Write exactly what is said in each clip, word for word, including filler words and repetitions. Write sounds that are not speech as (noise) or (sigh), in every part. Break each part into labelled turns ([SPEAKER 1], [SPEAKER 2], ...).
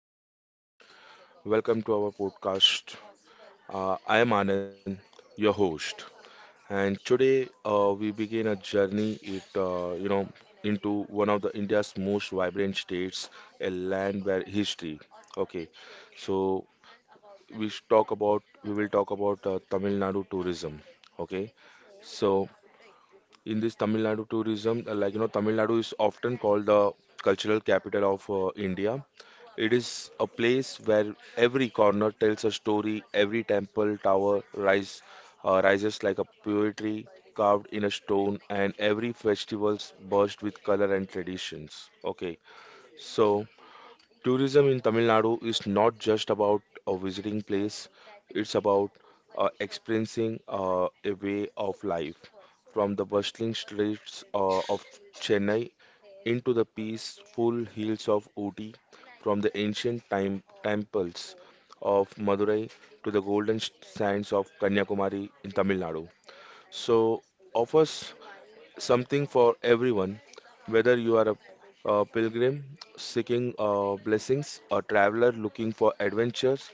[SPEAKER 1] everyone, welcome to our podcast. Uh, I am Anand, your host, and today uh, we begin a journey. It uh, you know into one of the India's most vibrant states, a land where history. Okay, so we sh- talk about we will talk about uh, Tamil Nadu tourism. Okay, so in this Tamil Nadu tourism, uh, like you know, Tamil Nadu is often called the cultural capital of uh, India. It is a place where every corner tells a story, every temple tower rise, uh, rises like a poetry carved in a stone, and every festival's burst with color and traditions. Okay, so tourism in Tamil Nadu is not just about a visiting place, it's about uh, experiencing uh, a way of life from the bustling streets uh, of Chennai into the peaceful hills of Ooty, from the ancient time temples of Madurai to the golden sands of Kanyakumari in Tamil Nadu. So, offers something for everyone, whether you are a, a pilgrim seeking uh, blessings, a traveler looking for adventures,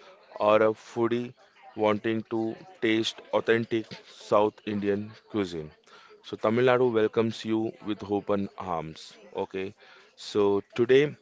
[SPEAKER 1] or a foodie wanting to taste authentic South Indian cuisine. So, Tamil Nadu welcomes you with open arms. Okay, so today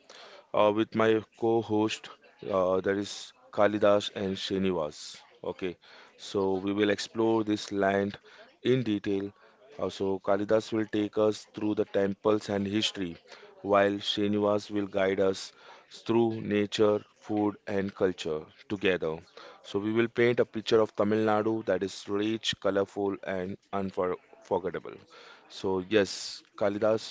[SPEAKER 1] uh, with my co-host, uh, that is Kalidas and Srinivas. Okay, so we will explore this land in detail. Uh, so Kalidas will take us through the temples and history, while Srinivas will guide us through nature, food, and culture together. So we will paint a picture of Tamil Nadu that is rich, colorful, and unforgettable. So yes, Kalidas.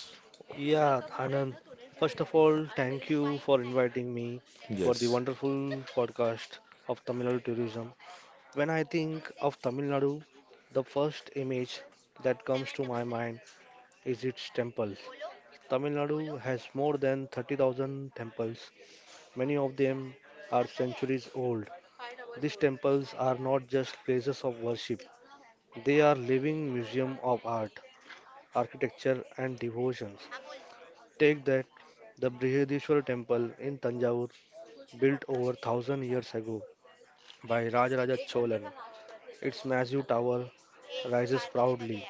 [SPEAKER 2] Yeah, Anand, first of all, thank you for inviting me for the
[SPEAKER 1] Yes,
[SPEAKER 2] wonderful podcast of Tamil Nadu tourism. When I think of Tamil Nadu, the first image that comes to my mind is its temples. Tamil Nadu has more than thirty thousand temples. Many of them are centuries old. These temples are not just places of worship, they are living museum of art, architecture and devotions. Take that, the Brihadishwar temple in Tanjavur, built over one thousand years ago by Rajaraja Cholan. Its massive tower rises proudly,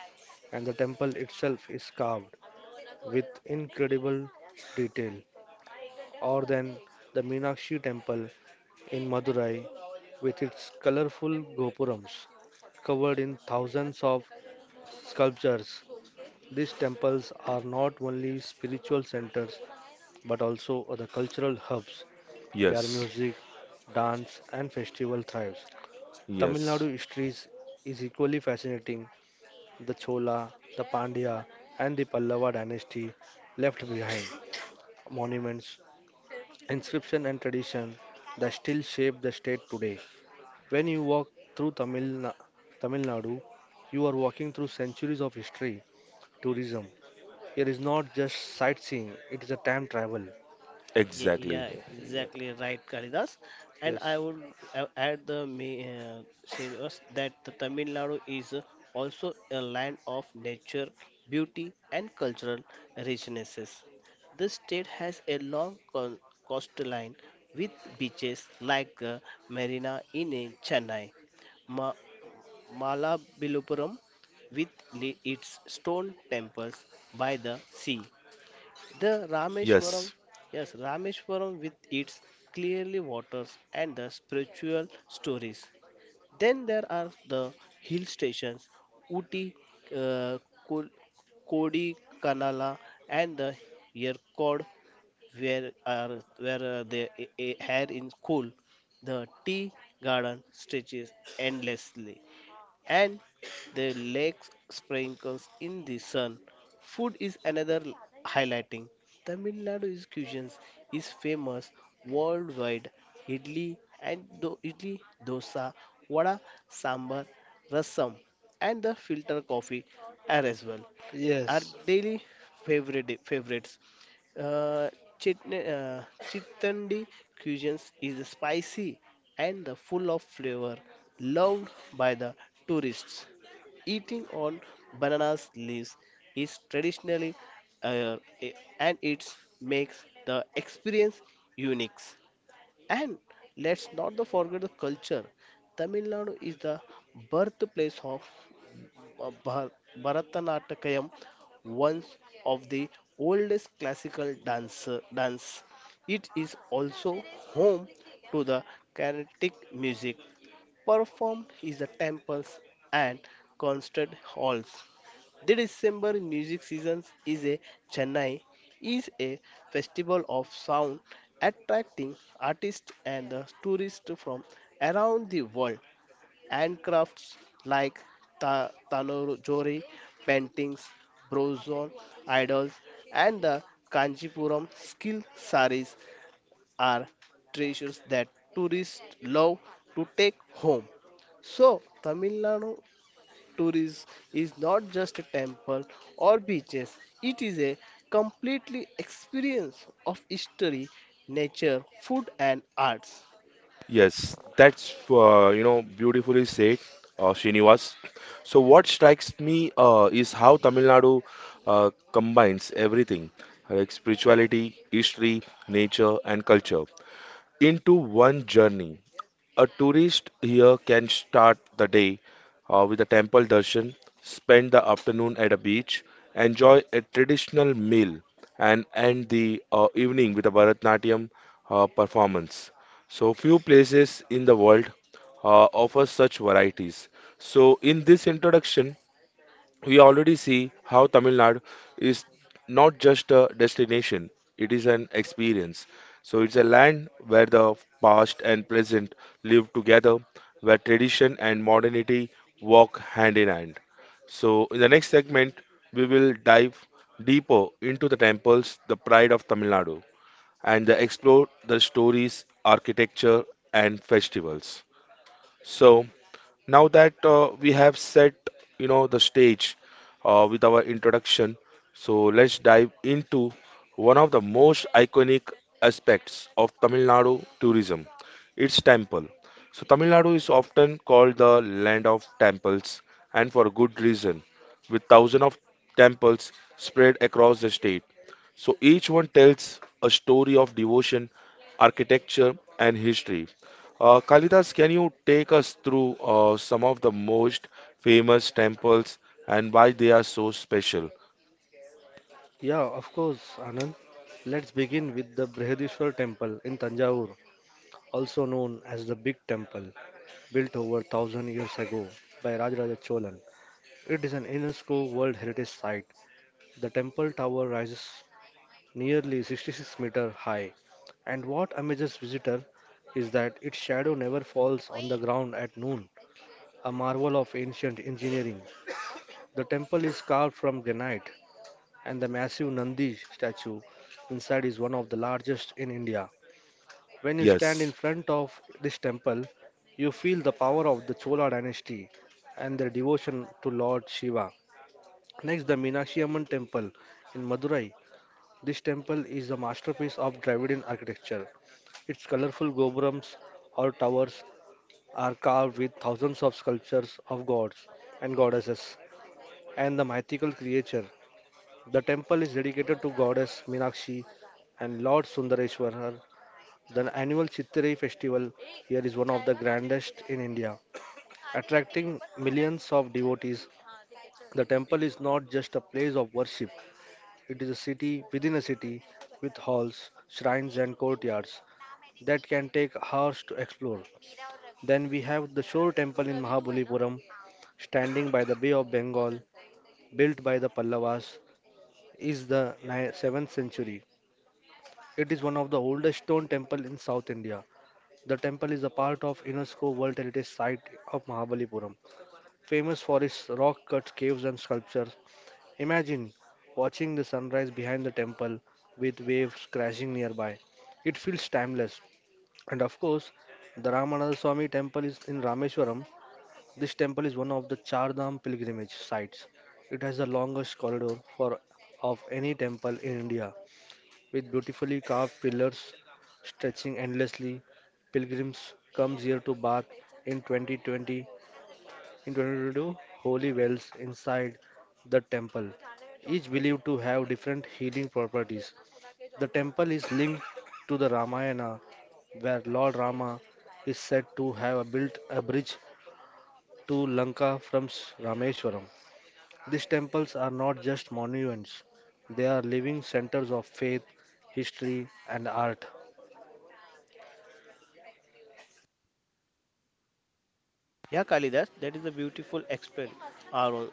[SPEAKER 2] and the temple itself is carved with incredible detail. Or then the Meenakshi temple in Madurai with its colorful gopurams covered in thousands of sculptures. These temples are not only spiritual centers but also the cultural hubs where
[SPEAKER 1] yes,
[SPEAKER 2] music, dance, and festival thrives. Tamil
[SPEAKER 1] yes.
[SPEAKER 2] Nadu history is, is equally fascinating. The Chola, the Pandya, and the Pallava dynasty left behind monuments, inscription, and tradition that still shape the state today. When you walk through Tamil, Na- Tamil Nadu, you are walking through centuries of history, tourism. It is not just sightseeing, it is a time travel.
[SPEAKER 3] Ye-
[SPEAKER 1] Exactly.
[SPEAKER 3] Yeah,
[SPEAKER 2] Yeah.
[SPEAKER 3] exactly right, Kalidas. And I
[SPEAKER 2] Yes.
[SPEAKER 3] would a- add the me- uh, say us that the Tamil Nadu is uh, also a land of nature, beauty, and cultural richnesses. The state has a long co- coastline with beaches like uh, Marina in uh, Chennai, Ma- Malabalupuram with li- its stone temples by the sea the Rameshwaram,
[SPEAKER 1] Yes.
[SPEAKER 3] yes, Rameshwaram with its clearly waters and the spiritual stories. Then there are the hill stations, Uti, uh, Ko- Kodikanala, and the Yerkod, where are where uh, they uh, uh, had in school. The tea garden stretches endlessly, and their legs sprinkles in the sun. Food is another highlighting. Tamil Nadu's cuisine is famous worldwide. Idli and do- Idli, dosa, vada, sambar, rasam, and the filter coffee are as well. Our
[SPEAKER 2] Yes,
[SPEAKER 3] daily favorite favorites. Uh, chitne, uh, Chittandi cuisine is spicy and the full of flavor, loved by the tourists. Eating on bananas leaves is traditionally uh, a- and it makes the experience unique. And let's not the forget the culture. Tamil Nadu is the birthplace of uh, Bhar- Bharatanatyam, one of the oldest classical dance dance. It is also home to the Carnatic music performed in the temples and concert halls. The December music season is a Chennai is a festival of sound attracting artists and the tourists from around the world, and crafts like ta- tanojori paintings, bronze idols, and the Kanjipuram skill saris are treasures that tourists love to take home. So, Tamil Nadu Tourism is not just a temple or beaches, it is a completely experience of history, nature, food, and arts.
[SPEAKER 1] Yes. That's uh, you know beautifully said, uh, Srinivas. So what strikes me uh, is how Tamil Nadu uh, combines everything, like spirituality, history, nature, and culture into one journey. A tourist here can start the day uh, with a temple darshan, spend the afternoon at a beach, enjoy a traditional meal, and end the uh, evening with a Bharatnatyam uh, performance. So, few places in the world uh, offer such varieties. So, in this introduction, we already see how Tamil Nadu is not just a destination, it is an experience. So it's a land where the past and present live together, where tradition and modernity walk hand in hand. So in the next segment, we will dive deeper into the temples, the pride of Tamil Nadu, and explore the stories, architecture, and festivals. So now that uh, we have set, you know, the stage uh, with our introduction, so let's dive into one of the most iconic aspects of Tamil Nadu tourism, its temple. So Tamil Nadu is often called the land of temples, and for good reason, with thousands of temples spread across the state. So each one tells a story of devotion, architecture, and history. Uh, Kalidas, can you take us through uh, some of the most famous temples and why they are so special?
[SPEAKER 2] Yeah, of course, Anand. Let's begin with the Brihadishwar temple in Tanjavur, also known as the Big Temple, built over one thousand years ago by Rajaraja Cholan. It is an UNESCO World Heritage Site. The temple tower rises nearly sixty-six meter high, and what amazes visitor is that its shadow never falls on the ground at noon, a marvel of ancient engineering. The temple is carved from granite and the massive Nandi statue inside is one of the largest in India. When you stand
[SPEAKER 1] Yes.
[SPEAKER 2] in front of this temple, you feel the power of the Chola dynasty and their devotion to Lord Shiva. Next, the Meenakshi Amman temple in Madurai. This temple is a masterpiece of Dravidian architecture. Its colorful gopurams or towers are carved with thousands of sculptures of gods and goddesses and the mythical creature. The temple is dedicated to goddess Meenakshi and Lord Sundareshwarar. The annual Chitrai festival here is one of the grandest in India, attracting millions of devotees. The temple is not just a place of worship, it is a city within a city with halls, shrines, and courtyards that can take hours to explore. Then we have the Shore Temple in Mahabalipuram, standing by the Bay of Bengal, built by the Pallavas, is the ni- seventh century. It is one of the oldest stone temple in South India. The temple is a part of UNESCO World Heritage Site of Mahabalipuram, famous for its rock-cut caves and sculptures. Imagine watching the sunrise behind the temple with waves crashing nearby. It feels timeless. And of course, the Ramanatha Swami temple is in Rameshwaram. This temple is one of the Char Dham pilgrimage sites. It has the longest corridor for of any temple in India with beautifully carved pillars stretching endlessly. Pilgrims come here to bath in twenty twenty in twenty twenty-two holy wells inside the temple, each believed to have different healing properties. The temple is linked to the Ramayana, where Lord Rama is said to have built a bridge to Lanka from S- Rameswaram. These temples are not just monuments, they are living centers of faith, history, and art.
[SPEAKER 3] Yeah, Kalidas, that is a beautiful explain, Arul.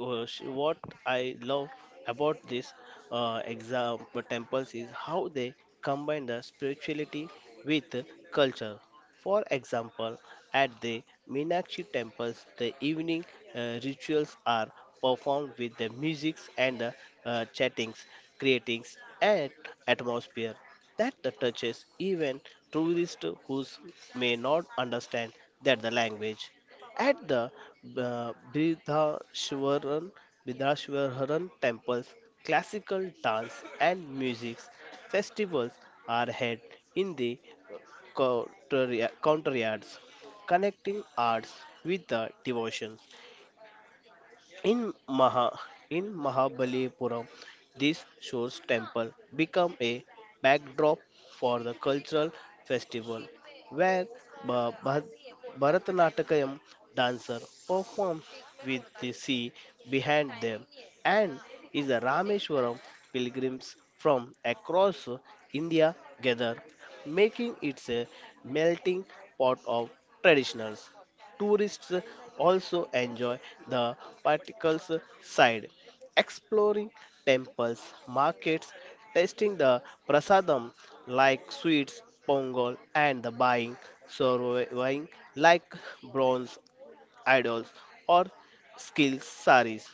[SPEAKER 3] uh, sh- What I love about this uh, exam uh, temples is how they combine the spirituality with culture. For example, at the Meenakshi temples, the evening uh, rituals are performed with the music and the uh, chattings, creating an atmosphere that the touches even tourists who may not understand that the language. At the uh, Bridhashwaran, Bridhashwaran temples, classical dance and music festivals are held in the counter- courtyards, connecting arts with the devotions. In Maha in Mahabalipuram, this shows temple become a backdrop for the cultural festival where Ba- Bha- Bharatanatyam dancer perform with the sea behind them, and is a Rameshwaram pilgrims from across India gather, making it a melting pot of traditionals. Tourists also enjoy the particles side, exploring temples, markets, tasting the prasadam like sweets, pongal, and the buying, surveying like bronze idols or skill saris.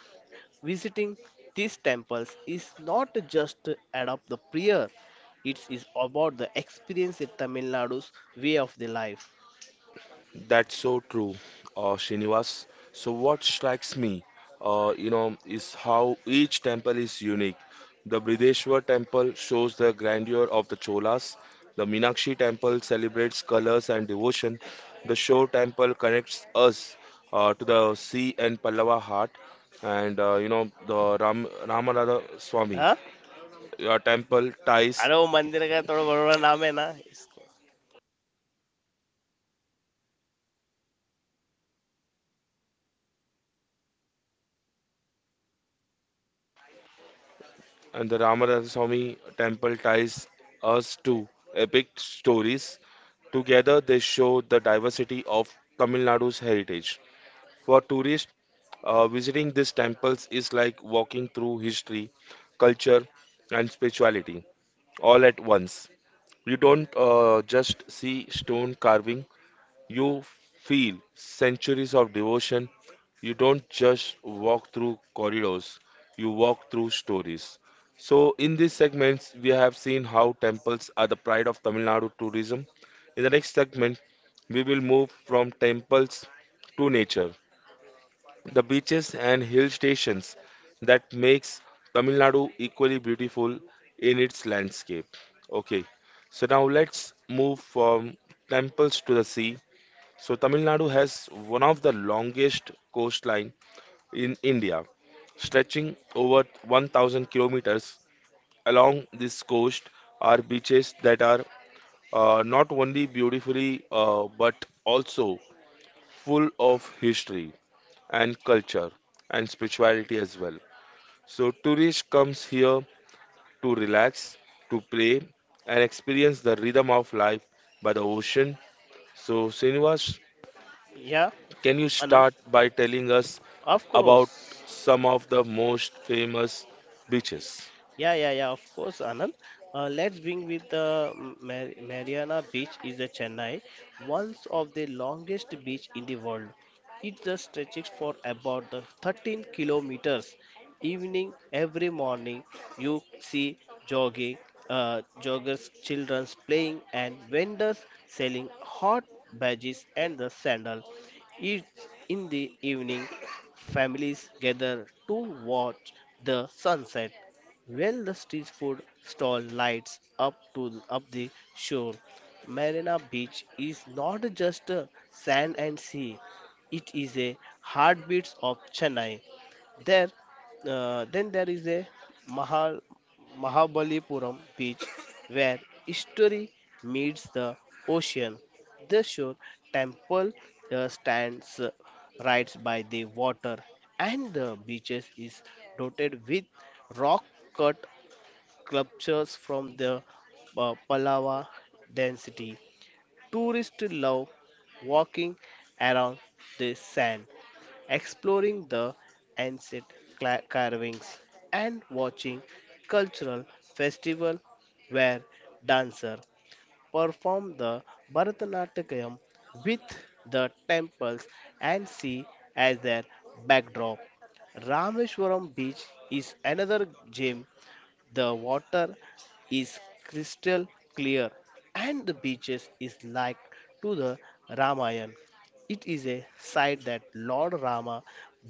[SPEAKER 3] Visiting these temples is not just to adopt the prayer, it is about the experience in Tamil Nadu's way of the life.
[SPEAKER 1] That's so true, uh, Srinivas. So, what strikes me, uh, you know, is how each temple is unique. The Brideshwar temple shows the grandeur of the Cholas. The Meenakshi temple celebrates colors and devotion. The Shore temple connects us uh, to the sea and Pallava heart. And, uh, you know, the Ram, Ramanatha Swami
[SPEAKER 3] Huh?
[SPEAKER 1] uh, temple ties
[SPEAKER 3] अरे वो मंदिर का थोड़ा बड़ा नाम है ना इसको.
[SPEAKER 1] and the Ramaraswamy temple ties us to epic stories. Together, they show the diversity of Tamil Nadu's heritage. For tourists, uh, visiting these temples is like walking through history, culture, and spirituality all at once. You don't uh, just see stone carving, you feel centuries of devotion. You don't just walk through corridors, you walk through stories. So, in these segments, we have seen how temples are the pride of Tamil Nadu tourism. In the next segment, we will move from temples to nature, the beaches and hill stations that makes Tamil Nadu equally beautiful in its landscape. Okay, so now let's move from temples to the sea. So Tamil Nadu has one of the longest coastline in India, stretching over one thousand kilometers. Along this coast are beaches that are uh, not only beautifully uh, but also full of history and culture and spirituality as well. So tourists comes here to relax, to play and experience the rhythm of life by the ocean. So Srinivas,
[SPEAKER 3] या
[SPEAKER 1] can you start
[SPEAKER 3] Anant,
[SPEAKER 1] by telling us
[SPEAKER 3] of course.
[SPEAKER 1] about some of the most famous beaches?
[SPEAKER 3] Yeah, yeah, yeah, of course, Anand. Uh, let's bring with the Mar- Mariana Beach is the Chennai, one of the longest beach in the world. It just stretches for about the thirteen kilometers. Evening, every morning, you see jogging, uh, joggers, childrens playing, and vendors selling hot badges and the sandal. It, in the evening, families gather to watch the sunset. When the street food stall lights up to up the shore, Marina Beach is not just a sand and sea; it is a heartbeat of Chennai. There, uh, then there is a Mahal, Mahabalipuram beach where history meets the ocean. The shore temple uh, stands uh, right by the water, and the beaches is dotted with rock cut sculptures from the uh, Pallava density. Tourists love walking around the sand, exploring the ancient cla- carvings, and watching cultural festival where dancers perform the Bharatanatyam with the temples and sea as their backdrop. Rameshwaram Beach is another gem. The water is crystal clear and the beaches is like to the Ramayana. It is a site that Lord Rama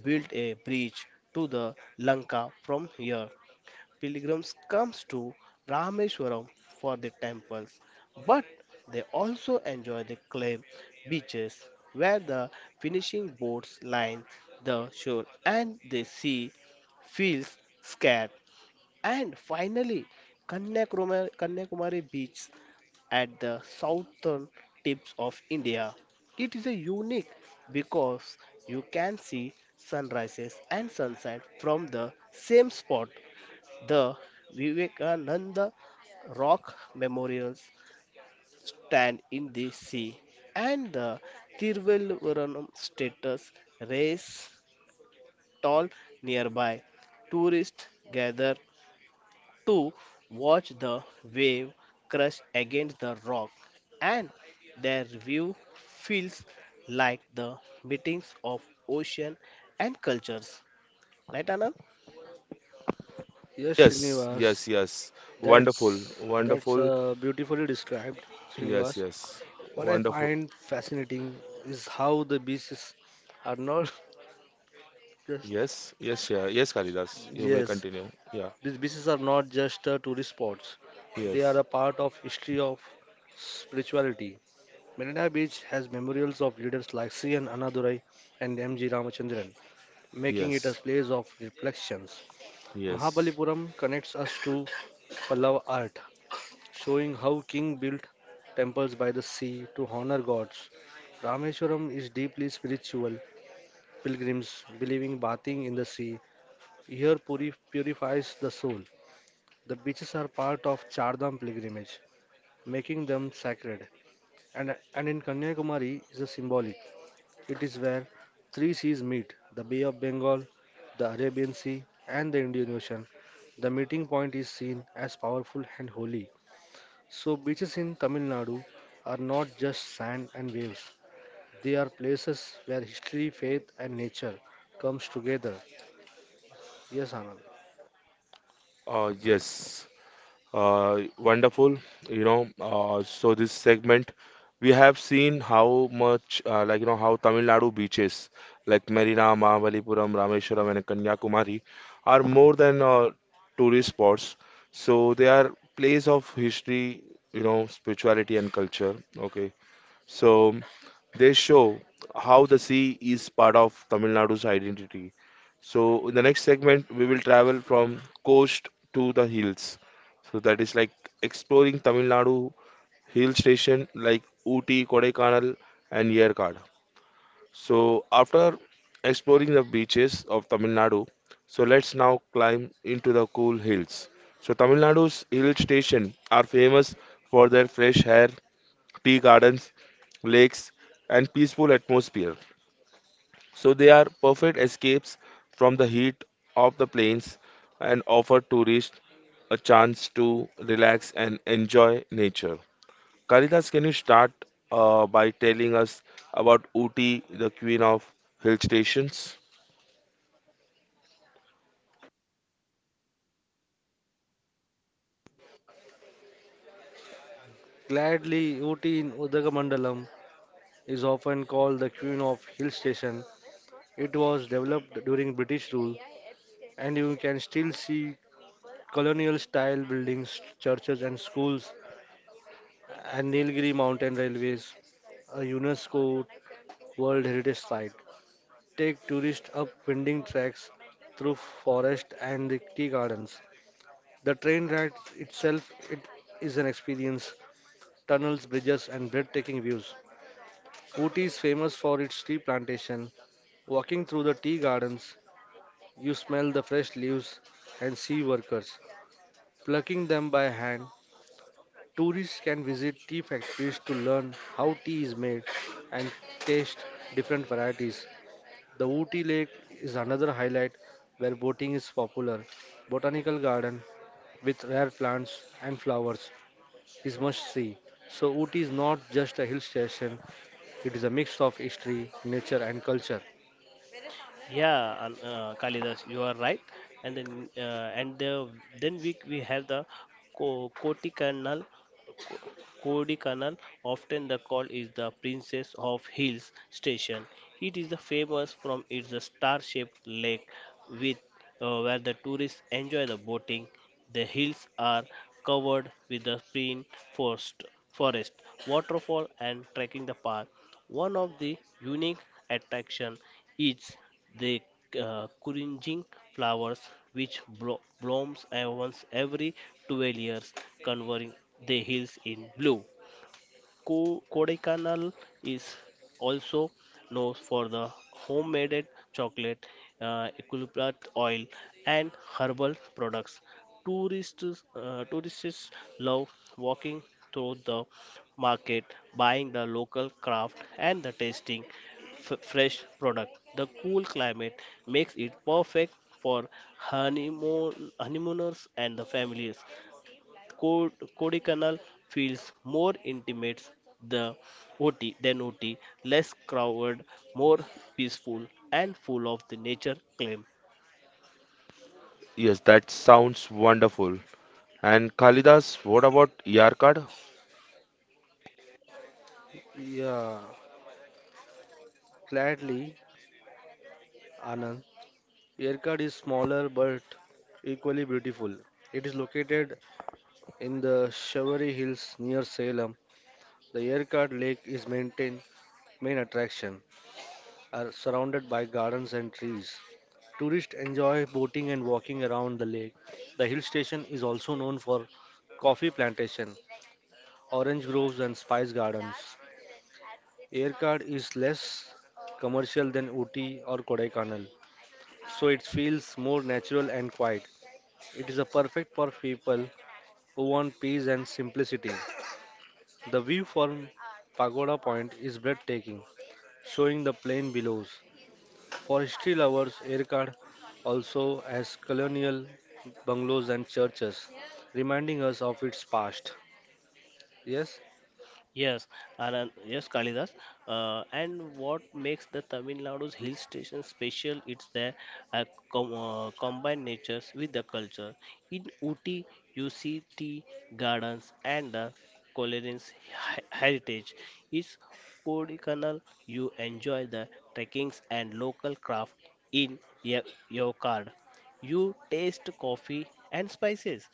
[SPEAKER 3] built a bridge to the Lanka from here. Pilgrims comes to Rameshwaram for the temples, but they also enjoy the clay beaches where the finishing boats line the shore and the sea feels scared. And finally, Kanyakumari, Kanyakumari Beach at the southern tips of India. It is a unique because you can see sunrises and sunset from the same spot. The Vivekananda rock memorials stand in the sea, and the Tiruvalluvaram status race tall nearby. Tourists gather to watch the wave crash against the rock, and their view feels like the meetings of ocean and cultures. Right, Anand?
[SPEAKER 2] Yes,
[SPEAKER 1] Yes,
[SPEAKER 2] Srinivas,
[SPEAKER 1] yes, yes. Wonderful,
[SPEAKER 2] that's that's
[SPEAKER 1] wonderful.
[SPEAKER 2] uh, beautifully described,
[SPEAKER 1] Yes,
[SPEAKER 2] Srinivas.
[SPEAKER 1] yes.
[SPEAKER 2] What I
[SPEAKER 1] Wonderful.
[SPEAKER 2] find fascinating is how the beaches are not (laughs) just
[SPEAKER 1] Yes, yes, yeah. Yes, Kalidas. You may
[SPEAKER 2] yes,
[SPEAKER 1] continue. Yeah.
[SPEAKER 2] these beaches are not just uh, tourist spots. They are
[SPEAKER 1] Yes,
[SPEAKER 2] a part of history of spirituality. Marina Beach has memorials of leaders like C N. Annadurai and M G. Ramachandran, making it a
[SPEAKER 1] yes,
[SPEAKER 2] place of reflections.
[SPEAKER 1] yes.
[SPEAKER 2] Mahabalipuram connects us to Pallava art, showing how king built temples by the sea to honor gods. Rameswaram is deeply spiritual. Pilgrims believing bathing in the sea here puri- purifies the soul. The beaches are part of Chardham pilgrimage, making them sacred. And, and in Kanyakumari is a symbolic. It is where three seas meet, the Bay of Bengal, the Arabian Sea, and the Indian Ocean. The meeting point is seen as powerful and holy. So, beaches in Tamil Nadu are not just sand and waves, they are places where history, faith, and nature comes together. Yes, Anand.
[SPEAKER 1] Uh, yes. Uh, wonderful, you know. Uh, so this segment, we have seen how much, uh, like you know, how Tamil Nadu beaches like Marina, Mahabalipuram, Rameshwaram, and Kanyakumari are more than uh, tourist spots. So they are place of history, you know, spirituality and culture. Okay. So they show how the sea is part of Tamil Nadu's identity. So in the next segment, we will travel from coast to the hills. So that is like exploring Tamil Nadu hill station like Ooty, Kodaikanal, and Yerkad. So after exploring the beaches of Tamil Nadu, so let's now climb into the cool hills. So Tamil Nadu's hill station are famous for their fresh air, tea gardens, lakes, and peaceful atmosphere. So they are perfect escapes from the heat of the plains and offer tourists a chance to relax and enjoy nature. Kalidas, can you start uh, by telling us about Uti, the queen of hill stations?
[SPEAKER 2] Gladly, Ooty in Udagamandalam is often called the Queen of Hill Station. It was developed during British rule, and you can still see colonial style buildings, churches, and schools, and Nilgiri mountain railways, a UNESCO World Heritage Site, take tourists up winding tracks through forest and the tea gardens. The train ride itself it is an experience. Tunnels, bridges, and breathtaking views. Ooty is famous for its tea plantation. Walking through the tea gardens, you smell the fresh leaves and see workers plucking them by hand. Tourists can visit tea factories to learn how tea is made and taste different varieties. The Ooty Lake is another highlight where boating is popular. Botanical garden with rare plants and flowers is must see. So Ooty is not just a hill station, it is a mix of history, nature and culture.
[SPEAKER 3] Yeah, An- uh, Kalidas, you are right. And then, uh, and the, then we we have the co- Koti Canal Kodaikanal, often the call is the Princess of Hills Station. It is the famous from its star-shaped lake with uh, where the tourists enjoy the boating. The hills are covered with the pine forest, forest, waterfall and trekking the path. One of the unique attraction is the uh, curinging flowers, which blo- blooms once every twelve years, covering the hills in blue. Co- Kodaikanal is also known for the homemade chocolate, uh, eucalyptus oil, and herbal products. Tourists, uh, tourists love walking through the market, buying the local craft, and the tasting f- fresh product. The cool climate makes it perfect for honeymoon honeymooners and the families. Cod- Kodaikanal feels more intimate the O T than O T, less crowded, more peaceful, and full of the nature claim.
[SPEAKER 1] Yes, that sounds wonderful. And Kalidas, what about Yarkad?
[SPEAKER 2] Yeah, gladly, Anand. Yerkad is smaller but equally beautiful. It is located in the Shawari Hills near Salem. The Yerkad Lake is maintained main attraction, are surrounded by gardens and trees. Tourists enjoy boating and walking around the lake. The hill station is also known for coffee plantation, orange groves and spice gardens. Aircard is less commercial than Ooty or Kodaikanal, so it feels more natural and quiet. It is a perfect for people who want peace and simplicity. The view from Pagoda Point is breathtaking, showing the plain below. For history lovers, Erkard also has colonial bungalows and churches, reminding us of its past. Yes?
[SPEAKER 3] Yes, Anand, yes, Kalidas. Uh, and what makes the Tamil Nadu's hill station special? It's their uh, com- uh, combined natures with the culture. In Uti, you see tea gardens and the culinary he- heritage. It's Kodikanal, you enjoy the trekkings and local craft in Ye- Yokad. You taste coffee and spices.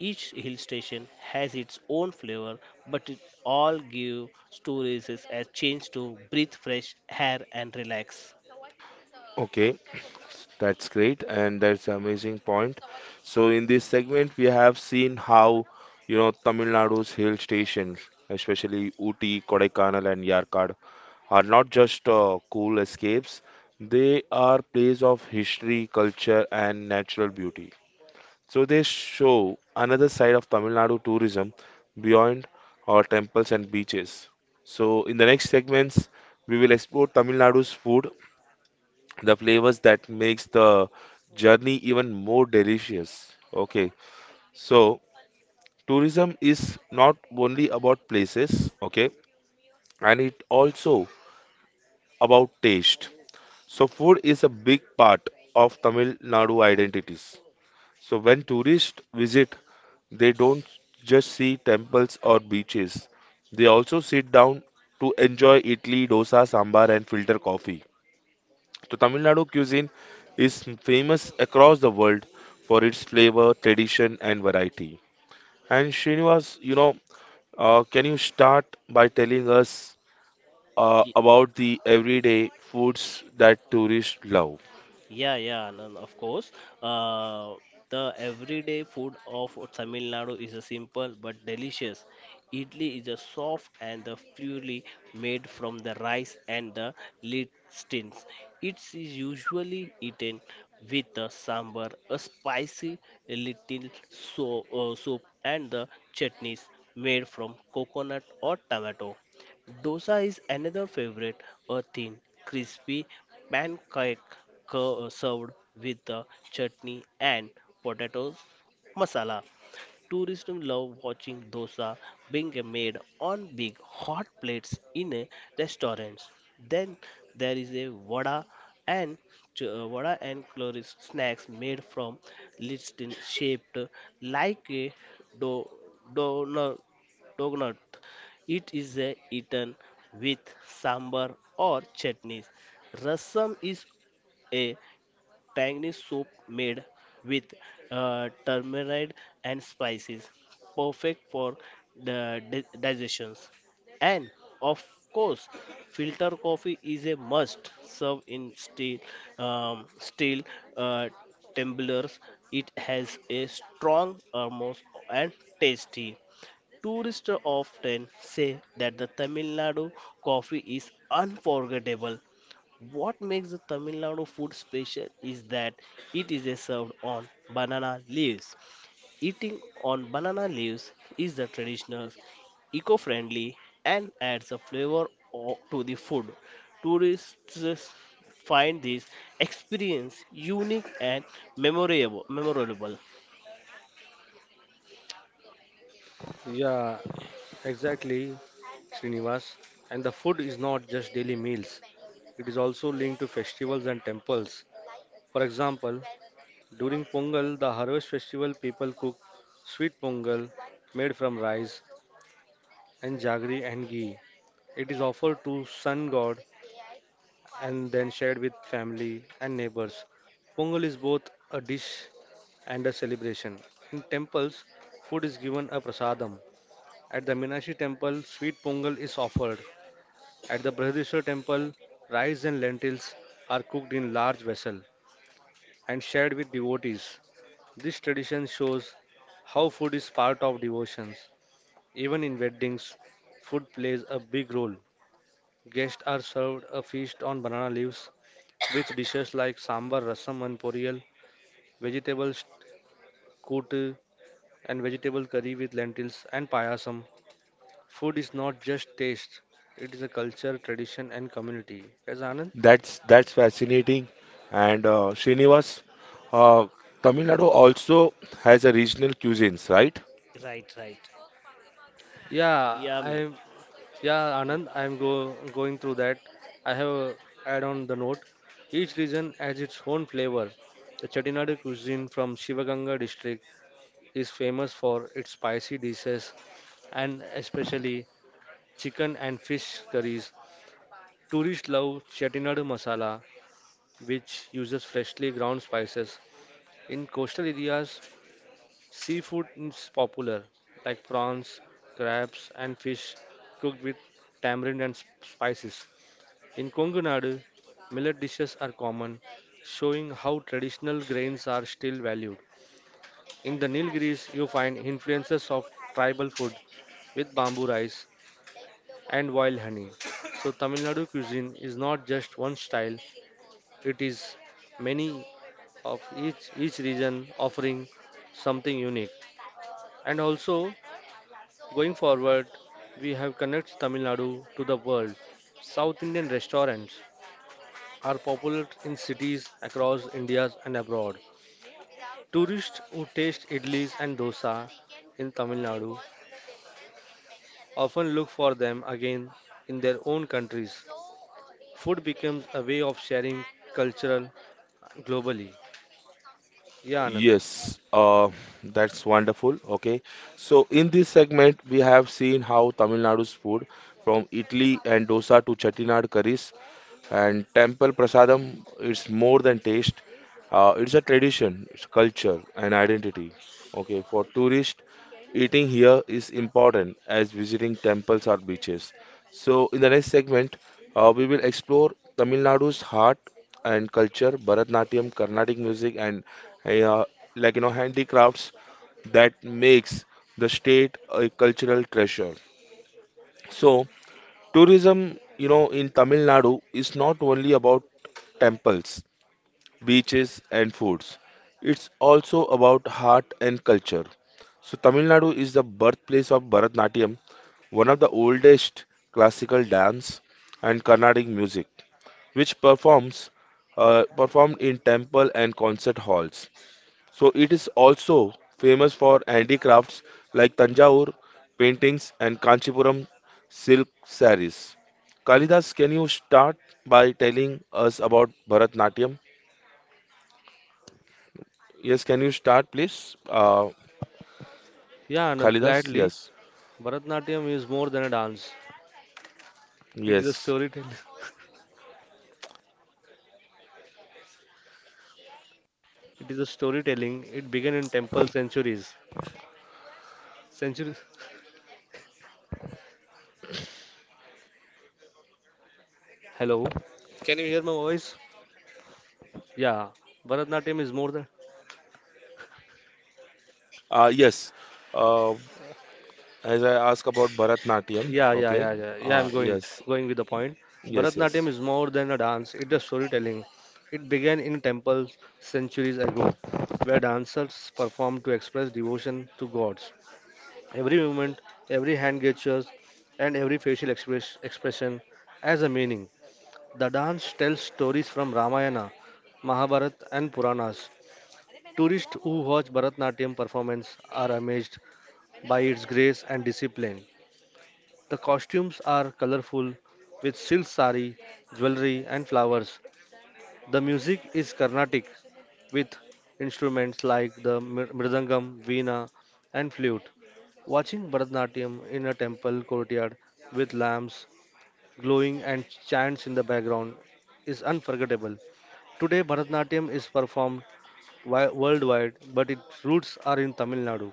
[SPEAKER 3] Each hill station has its own flavor, but it all give stories a chance to breathe fresh air and relax.
[SPEAKER 1] Okay, that's great, and that's amazing point. So in this segment, we have seen how, you know, Tamil Nadu's hill stations, especially Ooty, Kodaikanal, and Yarkad, are not just uh, cool escapes. They are places of history, culture, and natural beauty. So they show another side of Tamil Nadu tourism beyond our temples and beaches. So in the next segments, we will explore Tamil Nadu's food, the flavors that makes the journey even more delicious. Okay, so tourism is not only about places. Okay, and it also about taste. So food is a big part of Tamil Nadu identities. So when tourists visit, they don't just see temples or beaches, they also sit down to enjoy idli, dosa, sambar, and filter coffee. So Tamil Nadu cuisine is famous across the world for its flavor, tradition, and variety. And Srinivas, you know, uh, can you start by telling us uh, about the everyday foods that tourists love?
[SPEAKER 3] Yeah, yeah, Anand, of course. Uh, the everyday food of Tamil Nadu is a simple but delicious. Idli is a soft and the purely made from the rice and the lentils. It is usually eaten with a sambar, a spicy little so, uh, soup, and the chutneys made from coconut or tomato. Dosa is another favorite, a thin, crispy pancake co- served with the chutney and potato masala. Tourists love watching dosa being made on big hot plates in a restaurants. Then there is a vada and ch- uh, vada and chloris snacks made from listing shaped like a do, donut. Donut. It is a eaten with sambar or chutneys. Rasam is a tangy soup made with uh, turmeric and spices, perfect for the di- digestions. And of course, filter coffee is a must. Serve in steel, um, steel uh, tumblers. It has a strong aroma and tasty. Tourists often say that the Tamil Nadu coffee is unforgettable. What makes the Tamil Nadu food special is that it is served on banana leaves. Eating on banana leaves is the traditional, eco-friendly, and adds a flavor o- to the food. Tourists find this experience unique and memorable. memorable.
[SPEAKER 2] Yeah, exactly, Srinivas. And the food is not just daily meals, it is also linked to festivals and temples. For example, during Pongal, the harvest festival, people cook sweet pongal made from rice and jaggery and ghee. It is offered to sun god and then shared with family and neighbors. Pongal is both a dish and a celebration. In temples, food is given a prasadam. At the Minashi temple, sweet pongal is offered. At the Brihadishwar temple, rice and lentils are cooked in large vessel and shared with devotees. This tradition shows how food is part of devotions. Even in weddings, food plays a big role. Guests are served a feast on banana leaves with dishes like sambar, rasam, and poriyal, vegetable kootu, and vegetable curry with lentils and payasam. Food is not just taste; it is a culture, tradition, and community. Yes, Anand.
[SPEAKER 1] That's that's fascinating. And uh, Srinivas, uh, Tamil Nadu also has a regional cuisines, right?
[SPEAKER 3] Right, right.
[SPEAKER 2] Yeah,
[SPEAKER 3] Yeah, mate.
[SPEAKER 2] I'm. Yeah, Anand. I'm go going through that. I have uh, add on the note. Each region has its own flavor. The Chettinad cuisine from Shivaganga district is famous for its spicy dishes and especially chicken and fish curries. Tourists love chettinad masala, which uses freshly ground spices. In coastal areas, seafood is popular, like prawns, crabs, and fish cooked with tamarind and sp- spices. In Kongu Nadu, millet dishes are common, showing how traditional grains are still valued. In the Nilgiris, you find influences of tribal food with bamboo rice and wild honey. So, Tamil Nadu cuisine is not just one style, it is many of each each region offering something unique. And also going forward, we have connects Tamil Nadu to the world. South Indian restaurants are popular in cities across India and abroad. Tourists who taste idlis and dosa in Tamil Nadu often look for them again in their own countries. Food becomes a way of sharing cultural globally. Yeah, Anand.
[SPEAKER 1] Yes, uh, that's wonderful. Okay, so in this segment, we have seen how Tamil Nadu's food from Italy and dosa to Chettinad curries and temple prasadam is more than taste. Uh, it's a tradition, it's culture and identity. Okay, for tourists, eating here is important as visiting temples or beaches. So in the next segment, uh, we will explore Tamil Nadu's heart and culture, Bharatnatyam, Carnatic music, and uh, like you know handicrafts that makes the state a cultural treasure. So tourism, you know, in Tamil Nadu is not only about temples, beaches, and foods. It's also about art and culture. So, Tamil Nadu is the birthplace of Bharatanatyam, one of the oldest classical dance and Carnatic music, which performs uh, performed in temple and concert halls. So, it is also famous for handicrafts like Tanjavur paintings and Kanchipuram silk sarees. Kalidas, can you start by telling us about Bharatanatyam? Yes, can you start, please? Uh,
[SPEAKER 2] Yeah, Anand,
[SPEAKER 1] Kalidas?
[SPEAKER 2] gladly.
[SPEAKER 1] Yes.
[SPEAKER 2] Bharatnatyam is more than a dance. It is a
[SPEAKER 1] Yes.
[SPEAKER 2] storytelling. It is a storytelling. It began in temple centuries. Centuries. Hello. Can you hear my voice? Yeah. Bharatnatyam is more than.
[SPEAKER 1] Uh, yes. Uh, as I ask about Bharatnatyam,
[SPEAKER 2] Yeah, yeah,
[SPEAKER 1] okay.
[SPEAKER 2] yeah, yeah. Yeah,
[SPEAKER 1] Uh,
[SPEAKER 2] I'm going
[SPEAKER 1] yes.
[SPEAKER 2] going with the point.
[SPEAKER 1] Yes,
[SPEAKER 2] Bharatnatyam
[SPEAKER 1] yes.
[SPEAKER 2] is more than a dance. It is storytelling. It began in temples centuries ago, where dancers performed to express devotion to gods. Every movement, every hand gestures, and every facial express, expression has a meaning. The dance tells stories from Ramayana, Mahabharata, and Puranas. Tourists who watch Bharatnatyam performance are amazed by its grace and discipline. The costumes are colorful with silk sari, jewelry, and flowers. The music is Carnatic with instruments like the mr- mridangam, veena, and flute. Watching Bharatnatyam in a temple courtyard with lamps glowing and chants in the background is unforgettable. Today, Bharatanatyam is performed wi- worldwide, but its roots are in Tamil Nadu.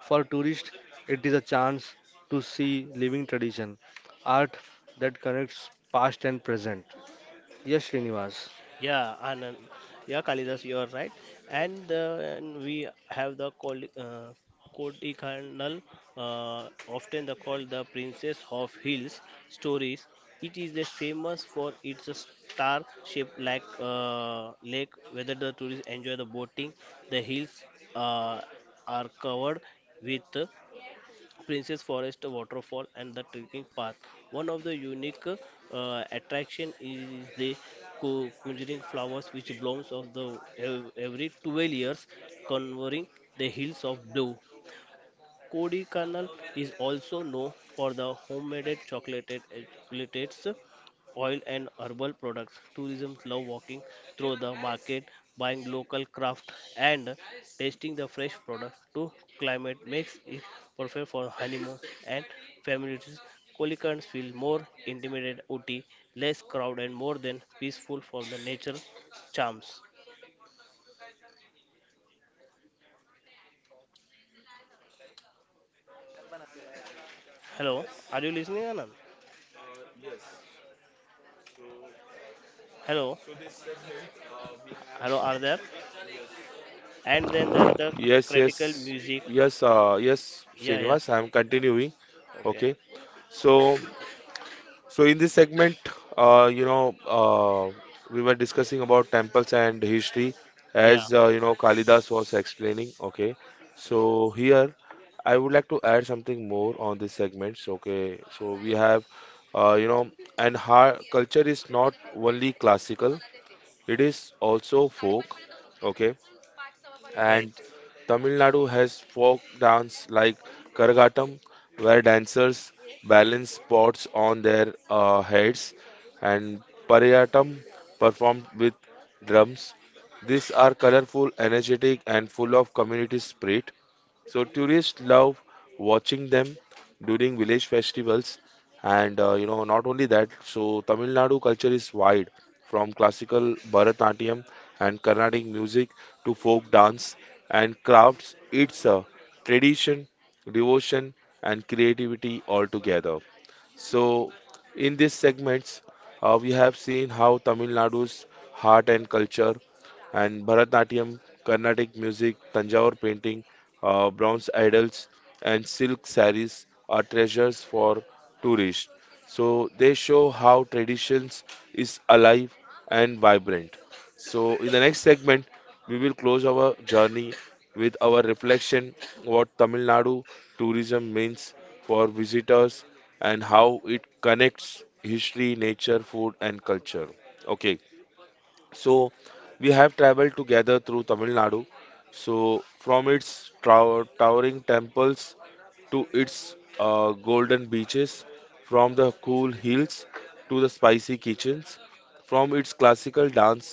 [SPEAKER 2] For tourists, it is a chance to see living tradition, art that connects past and present. Yes, Srinivas.
[SPEAKER 3] Yeah, Anand. Yeah, Kalidas, you are right. And, uh, and we have the Koli- uh, Koti Kernal, uh, often the, called the Princess of Hills stories. It is the famous for its star shaped like uh, lake, whether the tourists enjoy the boating. The hills uh, are covered with Princess Forest waterfall and the trekking path. One of the unique uh, attraction is the co- conjuring flowers which blooms of the ev- every twelve years, covering the hills of blue. Kodaikanal is also known for the homemade chocolates, chocolates, oil, and herbal products. Tourism love walking through the market, buying local craft, and tasting the fresh products. To climate makes it perfect for honeymoon and family trips. Kolikans feel more intimate, ooty, less crowd, and more than peaceful for the nature charms. Hello,
[SPEAKER 1] Yes,
[SPEAKER 3] are you listening, Anand? Hello, hello, are there? And then there the critical
[SPEAKER 1] yes.
[SPEAKER 3] music.
[SPEAKER 1] Yes, uh, yes,
[SPEAKER 3] Yeah, yeah.
[SPEAKER 1] Srinivas, I'm continuing.
[SPEAKER 3] Okay.
[SPEAKER 1] Okay. So, So in this segment, uh, you know, uh, we were discussing about temples and history,
[SPEAKER 3] Yeah,
[SPEAKER 1] as uh, you know, Kalidas was explaining. Okay, so here I would like to add something more on this segment. So, okay, so we have, uh, you know, and her culture is not only classical; it is also folk. Okay, and
[SPEAKER 3] right.
[SPEAKER 1] Tamil Nadu has folk dance like Karagatam, where dancers balance pots on their uh, heads, and Pariyatam, performed with drums. These are colorful, energetic, and full of community spirit. So tourists love watching them during village festivals, and uh, you know not only that. So Tamil Nadu culture is wide, from classical Bharatnatyam and Carnatic music to folk dance and crafts. It's a tradition, devotion, and creativity all together. So, in these segments, uh, we have seen how Tamil Nadu's heart and culture and Bharatnatyam, Carnatic music, Tanjore painting, uh, bronze idols, and silk saris are treasures for tourists. So, they show how traditions is alive and vibrant. So, in the next segment, we will close our journey with our reflection what Tamil Nadu tourism means for visitors and how it connects history, nature, food, and culture. Okay, so we have traveled together through Tamil Nadu. So, from its trow- towering temples to its uh, golden beaches, from the cool hills to the spicy kitchens, from its classical dance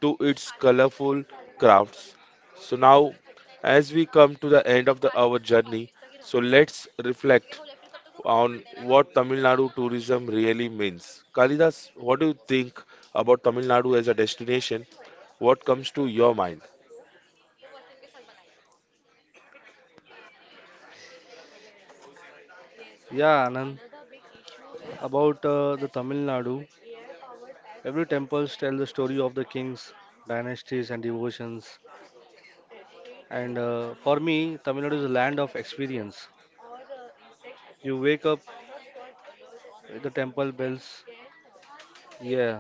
[SPEAKER 1] to its colorful crafts. So, now as we come to the end of the, our journey, so let's reflect on what Tamil Nadu tourism really means. Kalidas, what do you think about Tamil Nadu as a destination? What comes to your mind?
[SPEAKER 2] Yeah, Anand. About uh, the Tamil Nadu, every temple tells the story of the kings, dynasties, and devotions. And uh, for me, Tamil Nadu is a land of experience. You wake up with the temple bells. Yeah,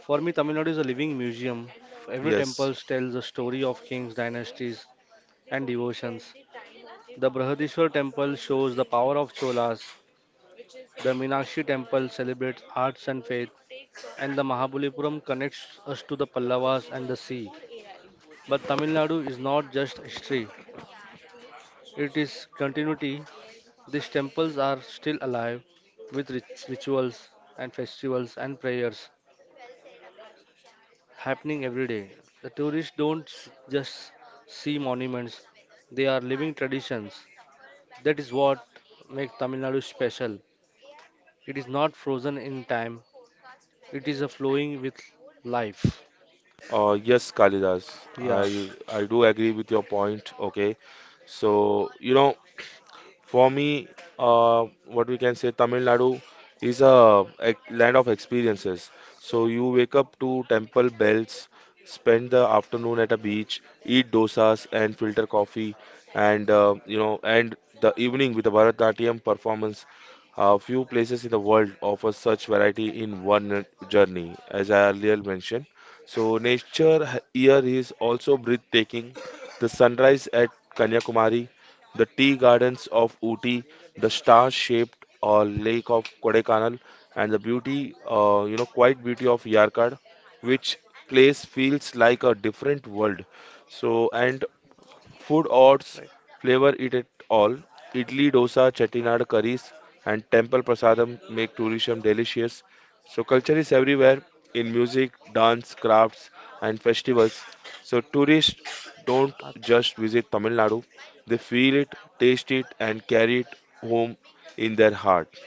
[SPEAKER 2] for me, Tamil Nadu is a living museum. Every
[SPEAKER 1] Yes,
[SPEAKER 2] temple tells a story of kings, dynasties, and devotions. The Brihadishwar temple shows the power of Cholas. The Meenakshi temple celebrates arts and faith, and the Mahabalipuram connects us to the Pallavas and the sea. But Tamil Nadu is not just history, it is continuity. These temples are still alive with rit- rituals and festivals and prayers happening every day. The tourists don't s- just see monuments, they are living traditions. That is what makes Tamil Nadu special. It is not frozen in time, it is a flowing with life.
[SPEAKER 1] uh, yes, Kalidas,
[SPEAKER 2] Yeah,
[SPEAKER 1] I I do agree with your point. Okay, so you know for me, uh, what we can say, Tamil Nadu is a ex- land of experiences. So you wake up to temple bells, spend the afternoon at a beach, eat dosas and filter coffee, and uh, you know, and the evening with a Bharatnatyam performance. Uh, few places in the world offer such variety in one journey, as I earlier mentioned. So nature h- here is also breathtaking. The sunrise at Kanyakumari, the tea gardens of Ooty, the star-shaped uh, lake of Kodaikanal, and the beauty, uh, you know, quiet beauty of Yarkad, which place feels like a different world. So, and food odds,
[SPEAKER 2] right.
[SPEAKER 1] flavor it at all. Idli, dosa, chettinad curries, and temple prasadam make tourism delicious. So culture is everywhere in music, dance, crafts, and festivals. So tourists don't
[SPEAKER 2] Uh,
[SPEAKER 1] just visit Tamil Nadu; they feel it, taste it, and carry it home in their heart.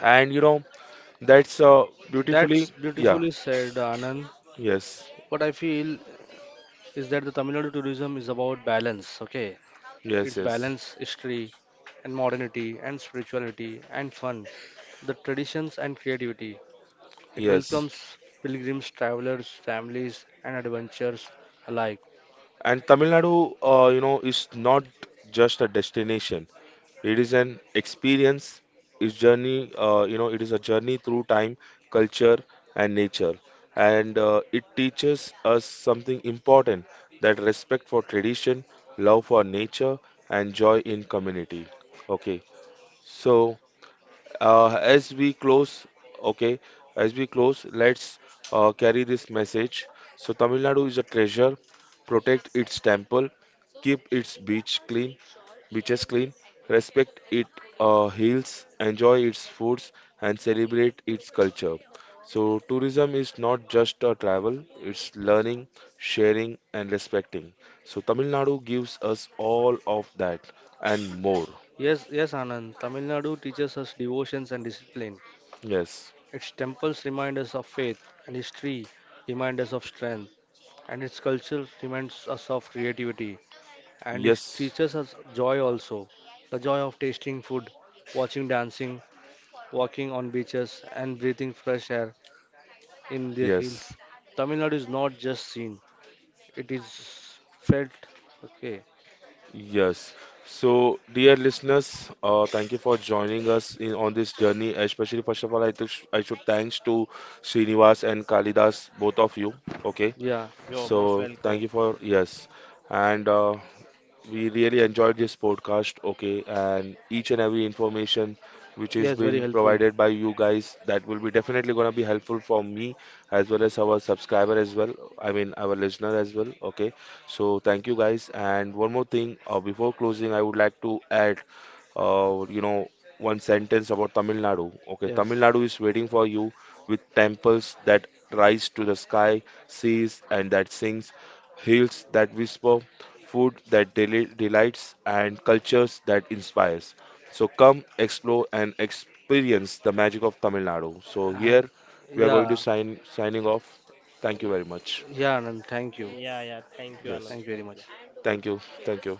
[SPEAKER 1] And you know that's uh, beautifully,
[SPEAKER 2] That's
[SPEAKER 1] yeah,
[SPEAKER 2] beautifully said, Anand.
[SPEAKER 1] yes,
[SPEAKER 2] What I feel is that the Tamil Nadu tourism is about balance, okay?
[SPEAKER 1] yes,
[SPEAKER 2] It's
[SPEAKER 1] yes,
[SPEAKER 2] balance, history, and modernity, and spirituality, and fun, the traditions, and creativity. It
[SPEAKER 1] yes.
[SPEAKER 2] welcomes pilgrims, travelers, families, and adventurers alike.
[SPEAKER 1] And Tamil Nadu, uh, you know, is not just a destination. It is an experience. Its journey, uh, you know, it is a journey through time, culture, and nature. And uh, it teaches us something important, that respect for tradition, love for nature, and joy in community. Okay, so uh, as we close, okay, as we close let's uh, carry this message. So Tamil Nadu is a treasure. Protect its temple, keep its beach clean beaches clean, respect its uh, hills, enjoy its foods, and celebrate its culture. So tourism is not just a travel, it's learning, sharing, and respecting. So Tamil Nadu gives us all of that and more.
[SPEAKER 2] Yes, yes, Anand. Tamil Nadu teaches us devotions and discipline.
[SPEAKER 1] Yes,
[SPEAKER 2] Its temples remind us of faith, and history remind us of strength, and its culture reminds us of creativity. And it
[SPEAKER 1] yes,
[SPEAKER 2] teaches us joy also, the joy of tasting food, watching dancing, walking on beaches, and breathing fresh air in the
[SPEAKER 1] yes.
[SPEAKER 2] hills. Tamil Nadu is not just seen; it is felt. Okay,
[SPEAKER 1] Yes. So, dear listeners, uh, thank you for joining us in on this journey. Especially, first of all, I, th I should thanks to Srinivas and Kalidas, both of you. Okay.
[SPEAKER 2] yeah.
[SPEAKER 3] You're most
[SPEAKER 1] So,
[SPEAKER 3] welcome.
[SPEAKER 1] thank you for yes. And uh, we really enjoyed this podcast, okay, and each and every information which has
[SPEAKER 2] Yes, very
[SPEAKER 1] been
[SPEAKER 2] helpful.
[SPEAKER 1] provided by you guys that will be definitely gonna be helpful for me as well as our subscriber as well. I mean our listener as well, okay. So thank you guys. And one more thing, uh, before closing, I would like to add, uh, you know, one sentence about Tamil Nadu. Okay, Tamil
[SPEAKER 2] Yes.
[SPEAKER 1] Nadu is waiting for you with temples that rise to the sky, seas and that sings, hills that whisper food that deli- delights, and cultures that inspires. So come explore and experience the magic of Tamil Nadu. So
[SPEAKER 2] I,
[SPEAKER 1] here we are going to
[SPEAKER 2] yeah.
[SPEAKER 1] sign signing off. Thank you very much.
[SPEAKER 2] Yeah, Anand, thank you.
[SPEAKER 3] Yeah, yeah. Thank you, Anand.
[SPEAKER 1] Yes.
[SPEAKER 2] Thank you
[SPEAKER 3] Thank
[SPEAKER 2] very
[SPEAKER 3] you.
[SPEAKER 2] much.
[SPEAKER 1] Thank you. Thank you.